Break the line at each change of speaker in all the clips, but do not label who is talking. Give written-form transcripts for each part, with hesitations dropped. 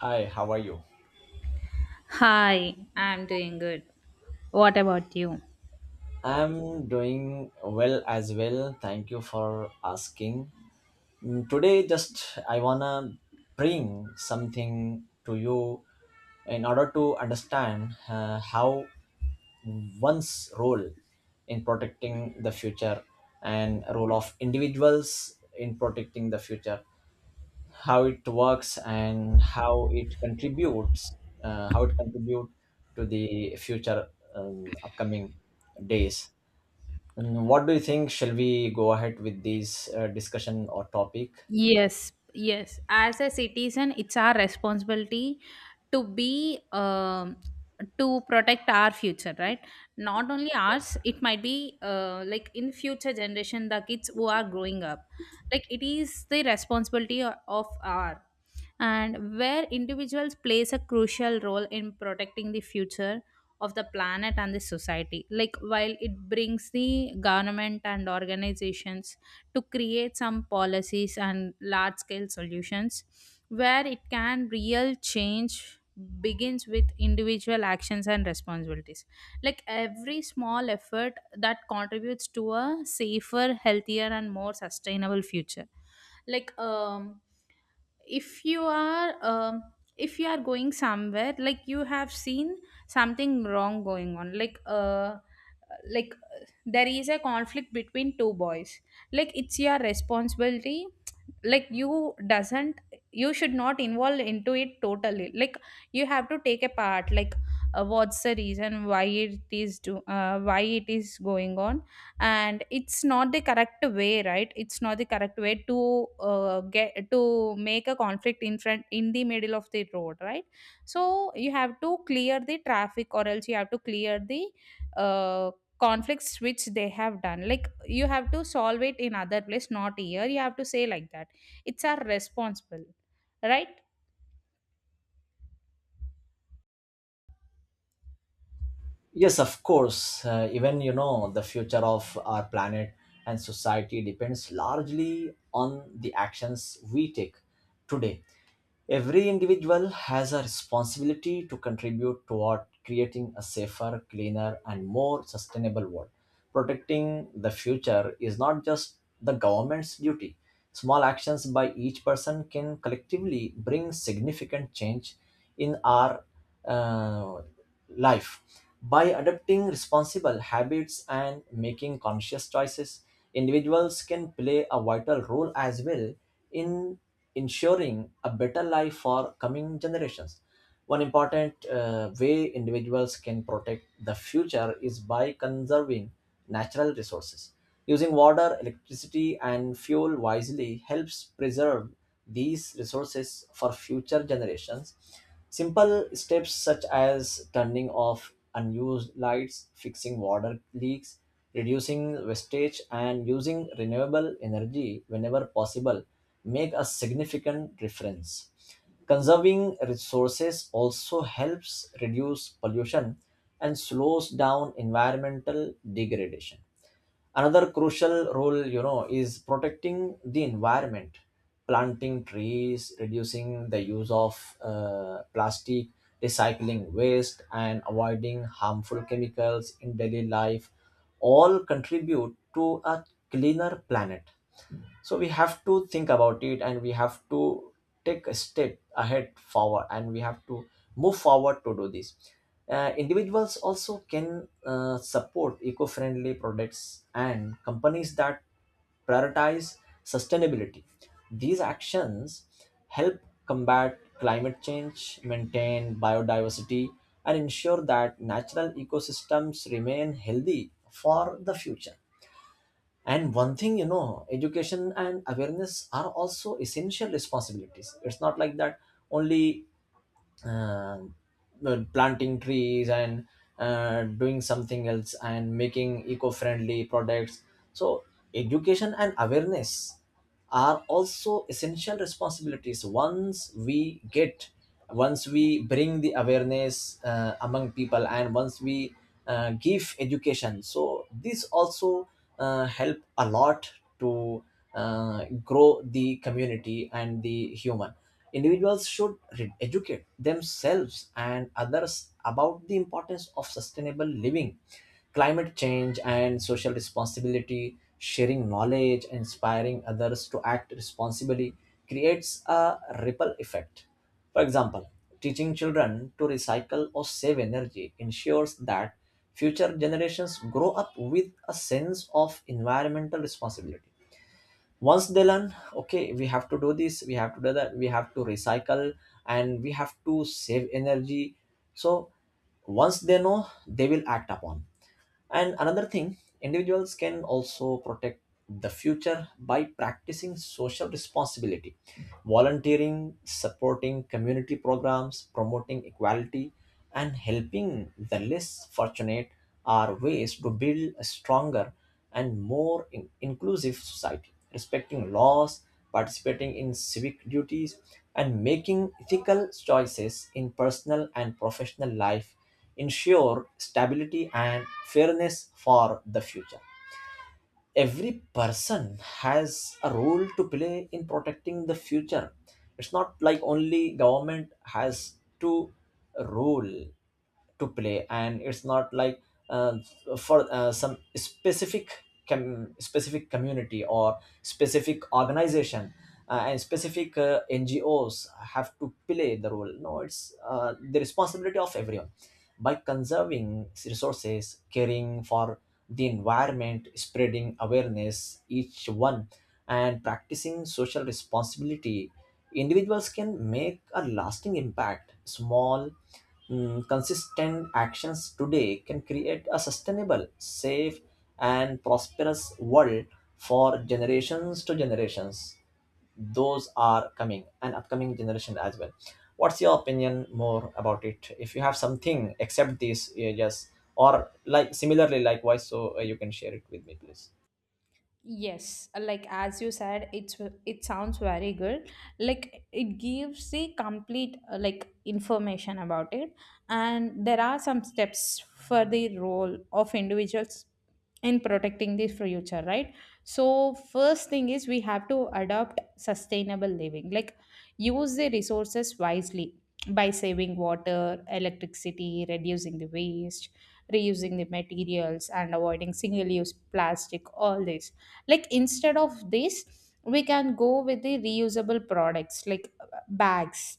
Hi, how are you?
Hi, I'm doing good. What about you?
I'm doing well as well. Thank you for asking. Today, just I wanna bring something to you in order to understand how one's role in protecting the future and role of individuals in protecting the future, how it works and how it contributes, how it contribute to the future upcoming days. And what do you think? Shall we go ahead with this discussion or topic?
Yes. As a citizen, it's our responsibility to be to protect our future, right? Not only ours, it might be like in future generation, the kids who are growing up. Like it is the responsibility of our, and where individuals plays a crucial role in protecting the future of the planet and the society, like while it brings the government and organizations to create some policies and large scale solutions where it can real change begins with individual actions and responsibilities, like every small effort that contributes to a safer, healthier and more sustainable future. Like, if you are um, if you are going somewhere, like you have seen something wrong going on, like there is a conflict between two boys, like it's your responsibility. Like you doesn't, you should not involve into it totally. Like you have to take a part, like what's the reason, why it is do why it is going on. And it's not the correct way, right? It's not the correct way to get to make a conflict in front, in the middle of the road, right? So you have to clear the traffic, or else you have to clear the uh, conflicts which they have done. Like, you have to solve it in other place, not here, you have to say like that. It's our responsible, right?
Yes, of course. Even you know the future of our planet and society depends largely on the actions we take today. Every individual has a responsibility to contribute toward creating a safer, cleaner, and more sustainable world. Protecting the future is not just the government's duty. Small actions by each person can collectively bring significant change in our uh, life. By adopting responsible habits and making conscious choices, individuals can play a vital role as well in ensuring a better life for coming generations. One important way individuals can protect the future is by conserving natural resources. Using water, electricity, and fuel wisely helps preserve these resources for future generations. Simple steps such as turning off unused lights, fixing water leaks, reducing wastage, and using renewable energy whenever possible make a significant difference. Conserving resources also helps reduce pollution and slows down environmental degradation. Another crucial role, you know, is protecting the environment. Planting trees, reducing the use of plastic, recycling waste, and avoiding harmful chemicals in daily life all contribute to a cleaner planet. So we have to think about it, and we have to take a step ahead forward, and we have to move forward to do this. Individuals also can support eco-friendly products and companies that prioritize sustainability. These actions help combat climate change, maintain biodiversity, and ensure that natural ecosystems remain healthy for the future. And one thing, you know, education and awareness are also essential responsibilities. It's not like that only uh, planting trees and doing something else and making eco friendly products. So, education and awareness are also essential responsibilities. Once we get, once we bring the awareness among people, and once we give education, so this also help a lot to grow the community and the human. Individuals should educate themselves and others about the importance of sustainable living, climate change, and social responsibility. Sharing knowledge, inspiring others to act responsibly creates a ripple effect. For example, teaching children to recycle or save energy ensures that future generations grow up with a sense of environmental responsibility. Once they learn, okay, we have to do this, we have to do that, we have to recycle, and we have to save energy. So, once they know, they will act upon. And another thing, individuals can also protect the future by practicing social responsibility. Volunteering, supporting community programs, promoting equality, and helping the less fortunate are ways to build a stronger and more inclusive society. Respecting laws, participating in civic duties, and making ethical choices in personal and professional life ensure stability and fairness for the future. Every person has a role to play in protecting the future. It's not like only government has to role to play, and it's not like uh, for some specific community or specific organization and specific ngos have to play the role. No, it's the responsibility of everyone. By conserving resources, caring for the environment, spreading awareness, each one, and practicing social responsibility, individuals can make a lasting impact. Small, consistent actions today can create a sustainable, safe, and prosperous world for generations to generations, those are coming and upcoming generation as well. What's your opinion more about it? If you have something except these yes, or like similarly likewise, so you can share it with me please.
Yes, like as you said, it sounds very good. Like, it gives the complete like information about it, and there are some steps for the role of individuals in protecting the future, right? So first thing is, we have to adopt sustainable living, like use the resources wisely by saving water, electricity, reducing the waste, reusing the materials, and avoiding single-use plastic. All this, like, instead of this, we can go with the reusable products, like bags,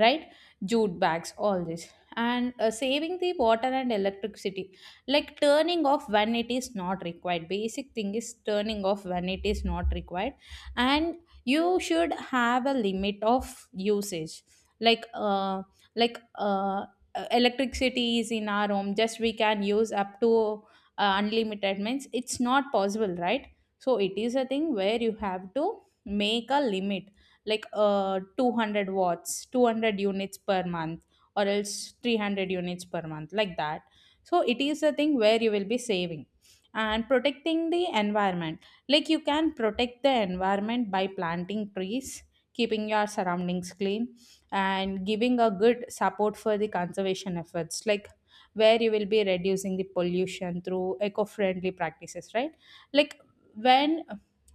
right? Jute bags, all this. And saving the water and electricity, like turning off when it is not required. Basic thing is turning off when it is not required. And you should have a limit of usage, like like uh electricity is in our home. Just we can use up to unlimited, means it's not possible, right? So it is a thing where you have to make a limit, like 200 watts, 200 units per month, or else 300 units per month, like that. So it is a thing where you will be saving and protecting the environment. Like, you can protect the environment by planting trees, keeping your surroundings clean, and giving a good support for the conservation efforts, like where you will be reducing the pollution through eco-friendly practices, right? Like, when,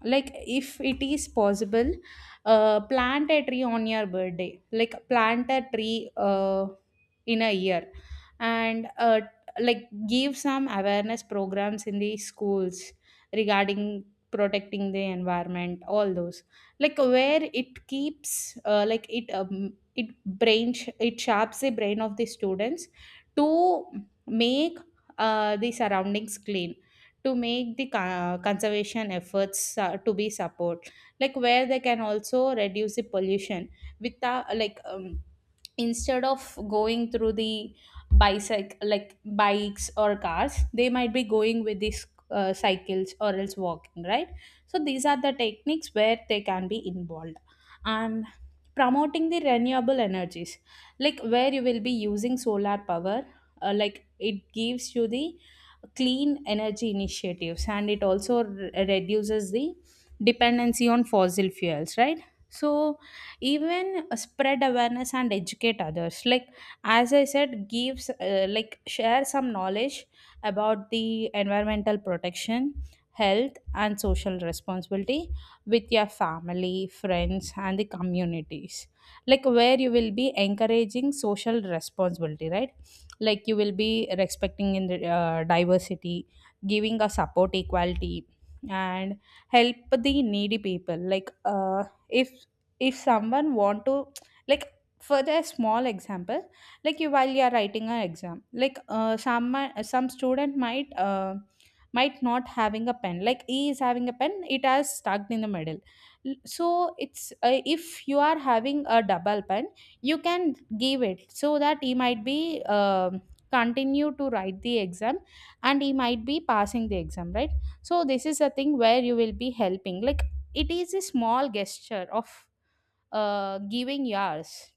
like, if it is possible, plant a tree on your birthday, like plant a tree in a year. And like give some awareness programs in the schools regarding protecting the environment, all those. Like where it keeps like it it it sharps the brain of the students to make the surroundings clean, to make the conservation efforts to be support, like where they can also reduce the pollution without instead of going through the bicycle, like bikes or cars, they might be going with these cycles or else walking, right? So these are the techniques where they can be involved. And promoting the renewable energies, like where you will be using solar power. Like, it gives you the clean energy initiatives and it also reduces the dependency on fossil fuels, right? So even spread awareness and educate others, like as I said, gives like share some knowledge about the environmental protection, health and social responsibility with your family, friends and the communities, like where you will be encouraging social responsibility, right? Like, you will be respecting in the diversity, giving a support, equality, and help the needy people, like if if someone want to, like, for a small example, like, you while you are writing an exam, like some student might not having a pen, like he is having a pen, it has stuck in the middle. So it's if you are having a double pen, you can give it so that he might be continue to write the exam and he might be passing the exam, right? So this is a thing where you will be helping, like it is a small gesture of giving yours.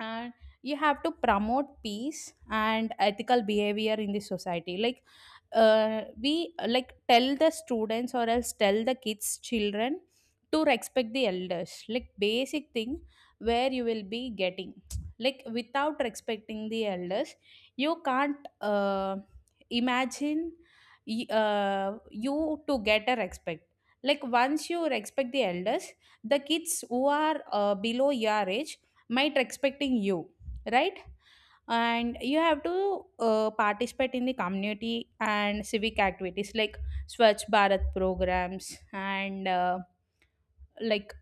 And you have to promote peace and ethical behavior in the society, like we like tell the students or else tell the kids, children, to respect the elders, like basic thing where you will be getting like without respecting the elders, you can't imagine you to get a respect. Like, once you respect the elders, the kids who are below your age, might expecting you, right? And you have to participate in the community and civic activities, like Swachh Bharat programs, and like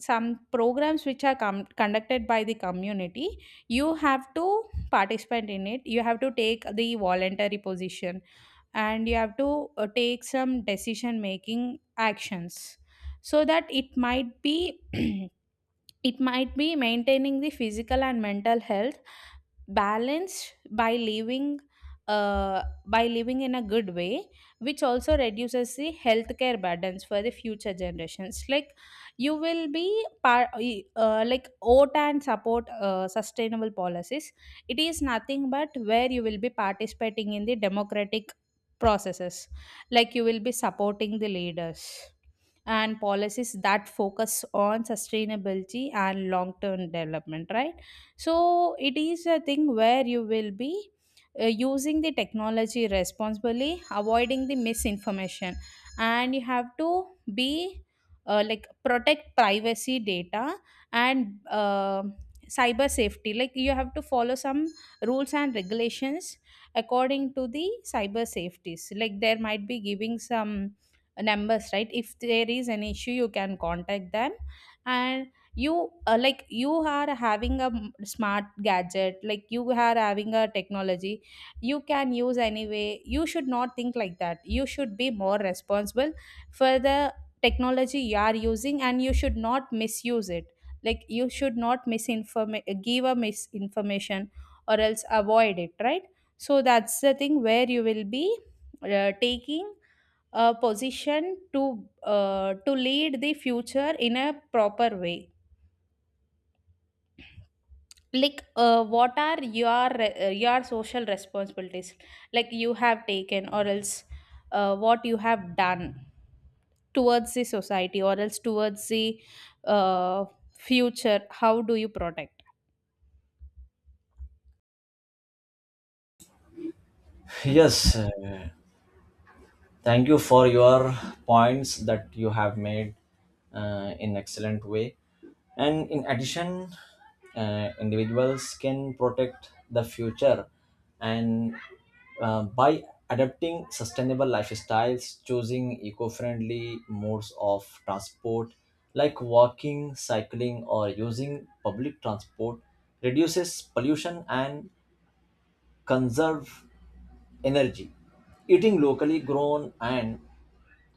some programs which are conducted by the community, you have to participate in it, you have to take the voluntary position, and you have to take some decision making actions, so that it might be it might be maintaining the physical and mental health balance by living in a good way, which also reduces the healthcare burdens for the future generations. Like, you will be par- like vote and support sustainable policies. It is nothing but where you will be participating in the democratic processes. Like, you will be supporting the leaders and policies that focus on sustainability and long term development, right? So it is a thing where you will be using the technology responsibly, avoiding the misinformation. And you have to be like protect privacy data and cyber safety, like you have to follow some rules and regulations according to the cyber safeties, like there might be giving some numbers, right? If there is an issue, you can contact them. And you like you are having a smart gadget, like you are having a technology, you can use anyway, you should not think like that, you should be more responsible for the technology you are using, and you should not misuse it. Like, you should not misinform give a misinformation, or else avoid it, right? So that's the thing where you will be taking position to lead the future in a proper way. Like what are your your social responsibilities, like you have taken, or else what you have done towards the society or else towards the uh, future, how do you protect?
Yes, thank you for your points that you have made in excellent way. And in addition, individuals can protect the future and by adapting sustainable lifestyles, choosing eco friendly modes of transport like walking, cycling, or using public transport, reduces pollution and conserve energy. Eating locally grown and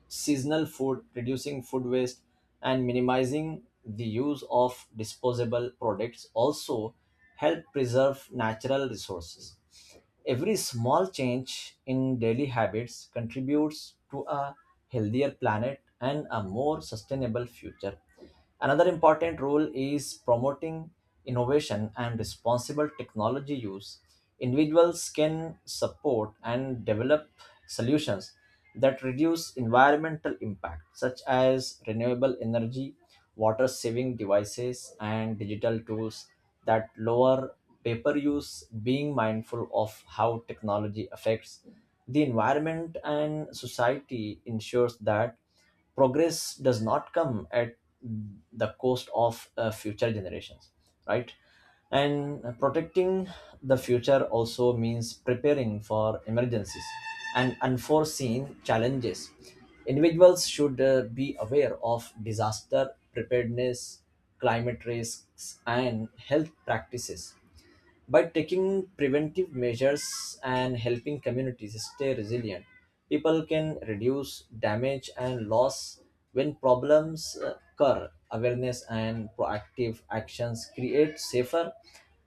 seasonal food, reducing food waste, and minimizing the use of disposable products also help preserve natural resources. Every small change in daily habits contributes to a healthier planet and a more sustainable future. Another important role is promoting innovation and responsible technology use. Individuals can support and develop solutions that reduce environmental impact, such as renewable energy, water saving devices, and digital tools that lower paper use. Being mindful of how technology affects the environment and society ensures that progress does not come at the cost of future generations, right? And protecting the future also means preparing for emergencies and unforeseen challenges. Individuals should be aware of disaster preparedness, climate risks, and health practices. By taking preventive measures and helping communities stay resilient, people can reduce damage and loss when problems occur. Awareness and proactive actions create safer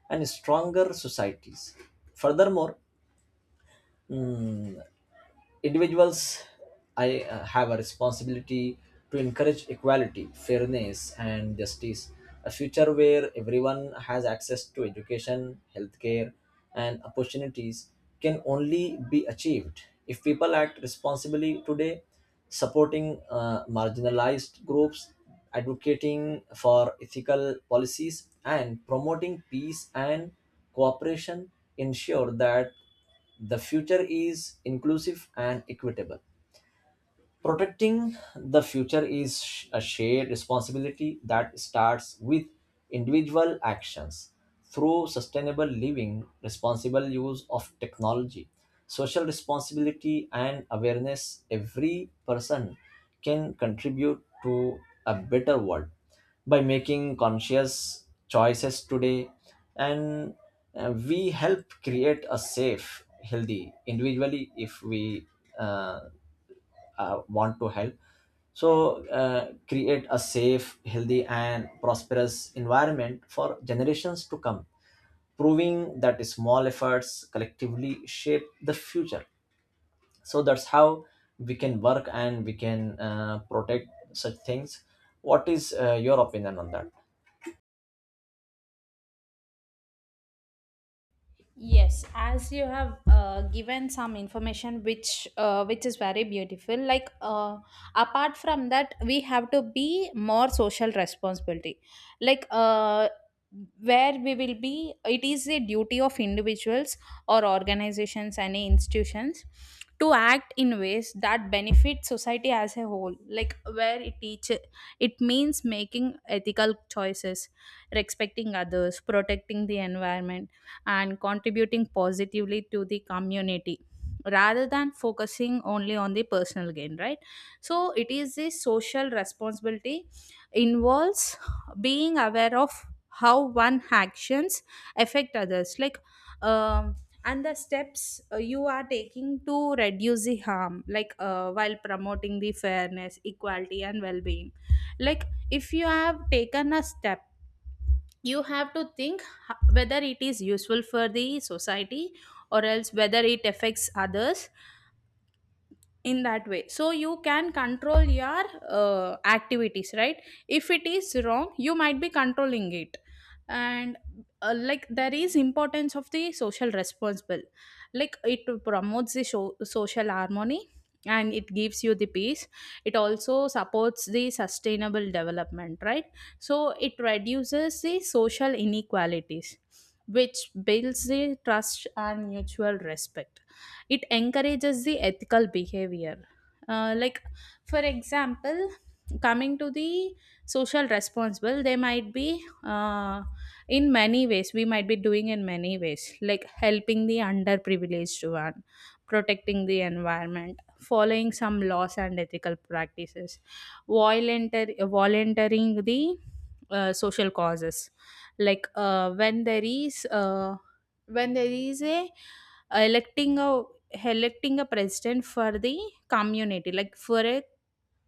and stronger societies. Furthermore, mm, individuals I have a responsibility to encourage equality, fairness, and justice. A future where everyone has access to education, healthcare, and opportunities can only be achieved if people act responsibly today. Supporting marginalized groups, advocating for ethical policies, and promoting peace and cooperation ensure that the future is inclusive and equitable. Protecting the future is a shared responsibility that starts with individual actions. Through sustainable living, responsible use of technology, social responsibility, and awareness. Every person can contribute to a better world by making conscious choices today, and we help create a safe, healthy individually if we uh, want to help. So create a safe, healthy, and prosperous environment for generations to come, proving that small efforts collectively shape the future. So that's how we can work and we can protect such things. What is your opinion on that?
Yes, as you have given some information which is very beautiful. Like apart from that, we have to be more social responsibility. Like where we will be, it is a duty of individuals or organizations, any institutions, to act in ways that benefit society as a whole. Like where it teach, it means making ethical choices, respecting others, protecting the environment and contributing positively to the community rather than focusing only on the personal gain, right? So it is the social responsibility, involves being aware of how one actions affect others, like um, and the steps you are taking to reduce the harm, like while promoting the fairness, equality and well-being. Like, if you have taken a step, you have to think whether it is useful for the society, or else whether it affects others in that way, so you can control your activities, right? If it is wrong, you might be controlling it. And like, there is importance of the social responsible, like it promotes the so social harmony and it gives you the peace. It also supports the sustainable development, right? So it reduces the social inequalities, which builds the trust and mutual respect, it encourages the ethical behavior. Like, for example, coming to the social responsible, they might be in many ways, we might be doing in many ways, like helping the underprivileged one, protecting the environment, following some laws and ethical practices, volunteering the social causes, like when there is a electing a electing a president for the community, like for a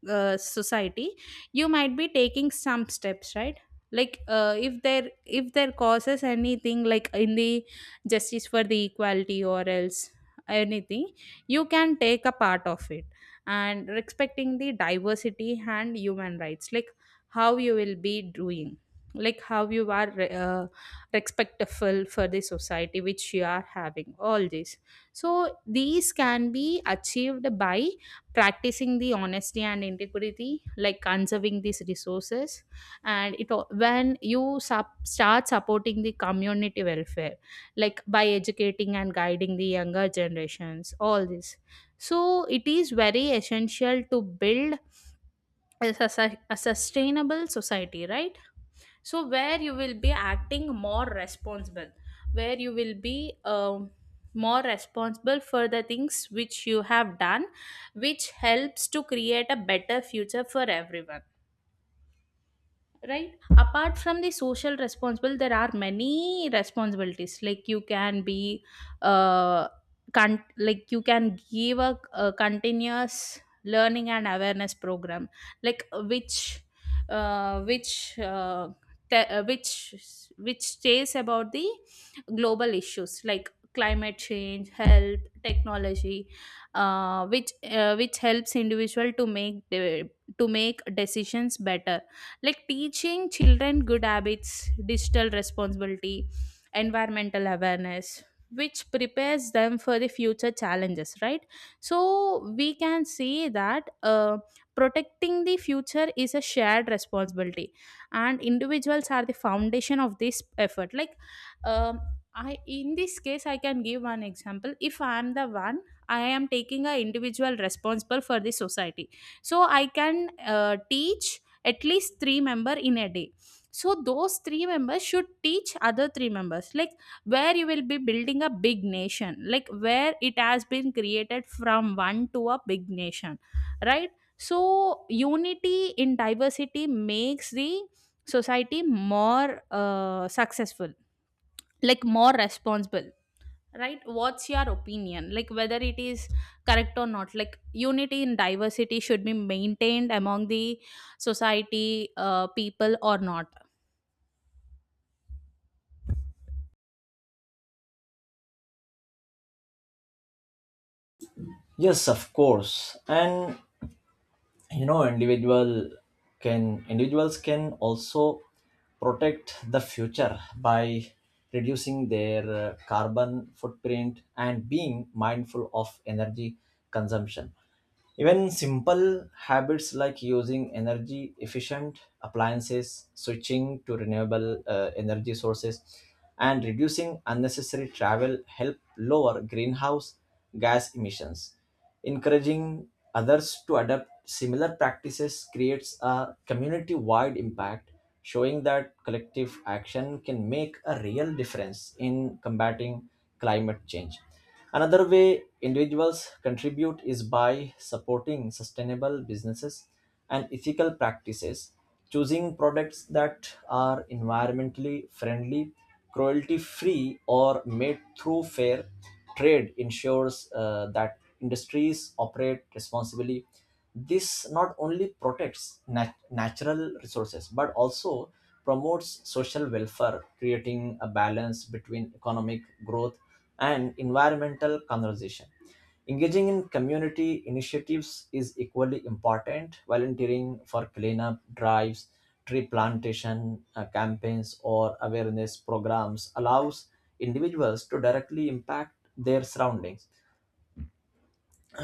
society, you might be taking some steps, right? Like if there, if there causes anything, like in the justice for the equality or else anything, you can take a part of it. And respecting the diversity and human rights, like how you will be doing, like how you are respectful for the society which you are having, all this. So these can be achieved by practicing the honesty and integrity, like conserving these resources, and it when you start supporting the community welfare, like by educating and guiding the younger generations, all this. So it is very essential to build a sustainable society, right? So where you will be acting more responsible, where you will be more responsible for the things which you have done, which helps to create a better future for everyone, right? Apart from the social responsible, there are many responsibilities. Like you can be uh like you can give a continuous learning and awareness program, like which te- which stays about the global issues like climate change, health, technology, which helps individual to to make decisions better. Like teaching children good habits, digital responsibility, environmental awareness, which prepares them for the future challenges, right? So we can say that protecting the future is a shared responsibility, and individuals are the foundation of this effort. Like, um, I in this case, I can give one example. If I am the one, I am taking a individual responsible for the society, so I can teach at least three member in a day, so those three members should teach other three members, like where you will be building a big nation, like where it has been created from one to a big nation, right? So unity in diversity makes the society more successful, like more responsible, right? What's your opinion, like whether it is correct or not, like unity in diversity should be maintained among the society people or not?
Yes, of course. And you know, individuals can also protect the future by reducing their carbon footprint and being mindful of energy consumption. Even simple habits like using energy efficient appliances, switching to renewable energy sources, and reducing unnecessary travel help lower greenhouse gas emissions. Encouraging others to adopt similar practices creates a community wide impact, showing that collective action can make a real difference in combating climate change. Another way individuals contribute is by supporting sustainable businesses and ethical practices. Choosing products that are environmentally friendly, cruelty free, or made through fair trade ensures that industries operate responsibly. This not only protects natural resources but also promotes social welfare, creating a balance between economic growth and environmental conservation. Engaging in community initiatives is equally important. Volunteering for cleanup drives, tree plantation campaigns, or awareness programs allows individuals to directly impact their surroundings.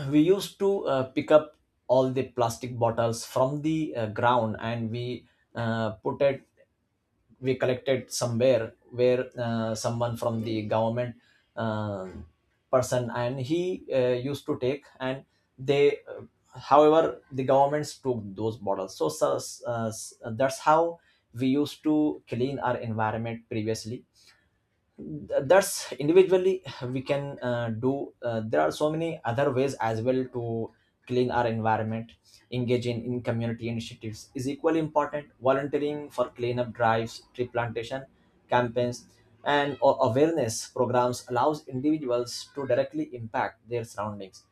We used to pick up all the plastic bottles from the ground, and we put it, we collected somewhere where someone from the government uh, person, and he used to take, and they however the governments took those bottles. So uh, that's how we used to clean our environment previously. That's individually we can do. There are so many other ways as well to clean our environment. Engaging in community initiatives is equally important. Volunteering for cleanup drives, tree plantation campaigns, and awareness programs allows individuals to directly impact their surroundings.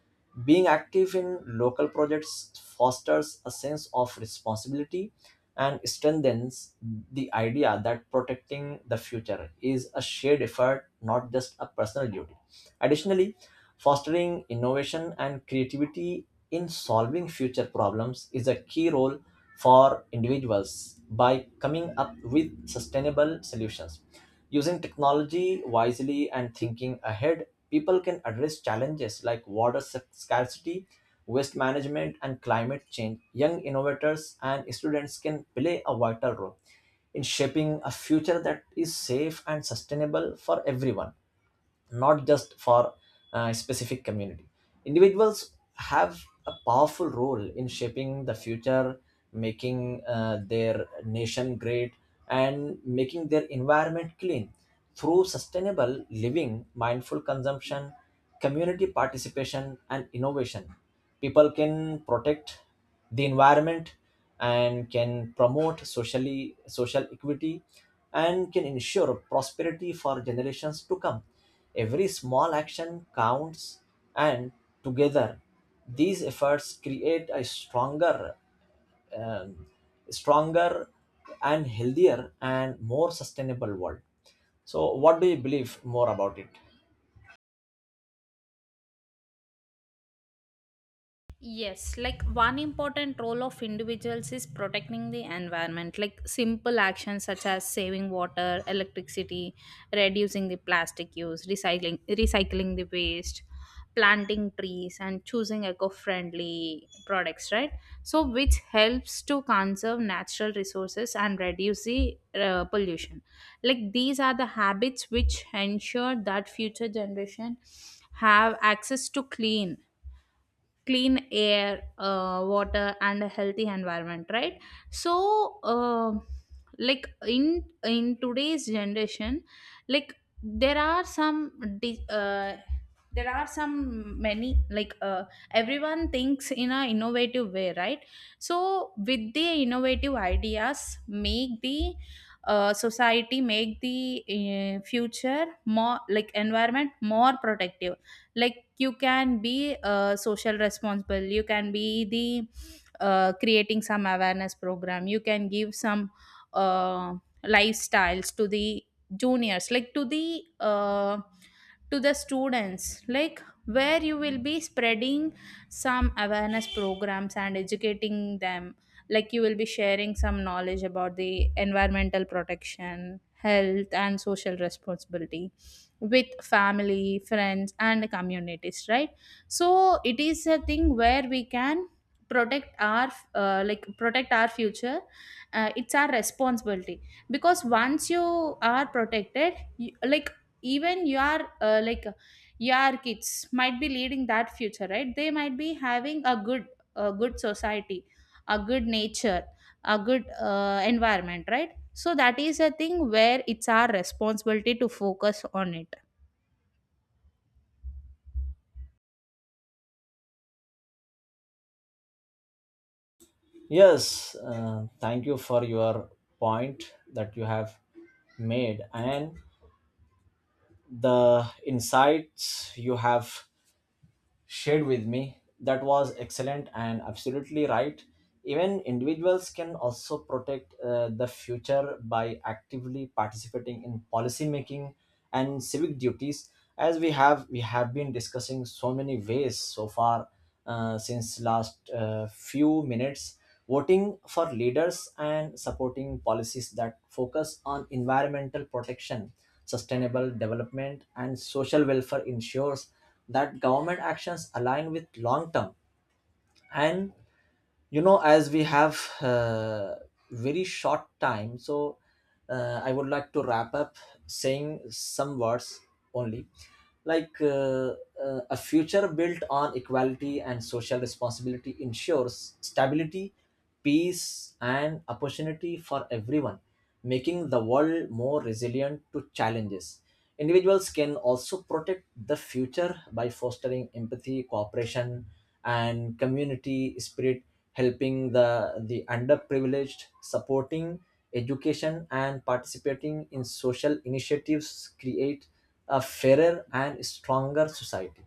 Being active in local projects fosters a sense of responsibility and strengthens the idea that protecting the future is a shared effort, not just a personal duty. Additionally, fostering innovation and creativity in solving future problems is a key role for individuals by coming up with sustainable solutions. Using technology wisely and thinking ahead, people can address challenges like water scarcity, waste management, and climate change. Young innovators and students can play a vital role in shaping a future that is safe and sustainable for everyone, not just for a specific community. Individuals have a powerful role in shaping the future, making their nation great, and making their environment clean. Through sustainable living, mindful consumption, community participation, and innovation, people can protect the environment and can promote socially social equity and can ensure prosperity for generations to come. Every small action counts, and together, these efforts create a stronger um, stronger and healthier and more sustainable world. So, what do you believe more about it?
Yes, like one important role of individuals is protecting the environment. Like simple actions such as saving water, electricity, reducing the plastic use, recycling the waste, planting trees and choosing eco-friendly products, right? So which helps to conserve natural resources and reduce the pollution. Like these are the habits which ensure that future generation have access to clean air, water, and a healthy environment, right? So, uh, like in today's generation, like there are di- uh, there are some many, like everyone thinks in a innovative way, right? So, with the innovative ideas, make the society, make the future more, like environment more protective. Like you can be social responsible, you can be the creating some awareness program, you can give some uh, lifestyles to the juniors, like to the students, like where you will be spreading some awareness programs and educating them, like you will be sharing some knowledge about the environmental protection, health and social responsibility with family, friends and communities, right? So it is a thing where we can protect our like protect our future. It's our responsibility, because once you are protected you, like even you are like your kids might be leading that future, right? They might be having a good, a good society, a good nature, a good environment, right? So that is a thing where it's our responsibility to focus on it.
Yes, thank you for your point that you have made and the insights you have shared with me. That was excellent and absolutely right. Even individuals can also protect the future by actively participating in policy making and civic duties, as we have been discussing so many ways so far since last few minutes. Voting for leaders and supporting policies that focus on environmental protection, sustainable development, and social welfare ensures that government actions align with long term. And you know, as we have very short time, so I would like to wrap up saying some words only. Like a future built on equality and social responsibility ensures stability, peace, and opportunity for everyone, making the world more resilient to challenges. Individuals can also protect the future by fostering empathy, cooperation, and community spirit. Helping the underprivileged, supporting education, and participating in social initiatives create a fairer and stronger society,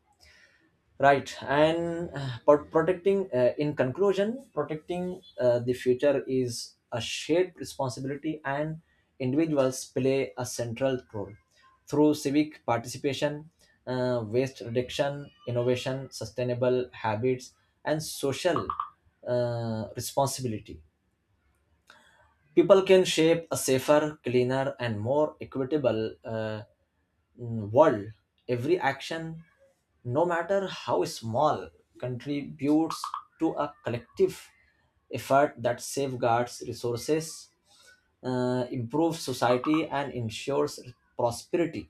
right? And but protecting in conclusion, protecting the future is a shared responsibility, and individuals play a central role. Through civic participation, waste reduction, innovation, sustainable habits, and social responsibility, people can shape a safer, cleaner, and more equitable world. Every action, no matter how small, contributes to a collective effort that safeguards resources, improves society, and ensures prosperity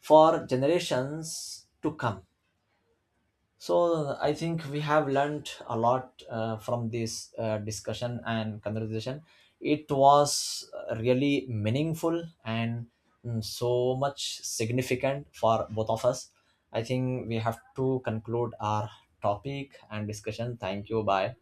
for generations to come. So I think we have learned a lot from this discussion and conversation. It was really meaningful and so much significant for both of us. I think we have to conclude our topic and discussion. Thank you. Bye.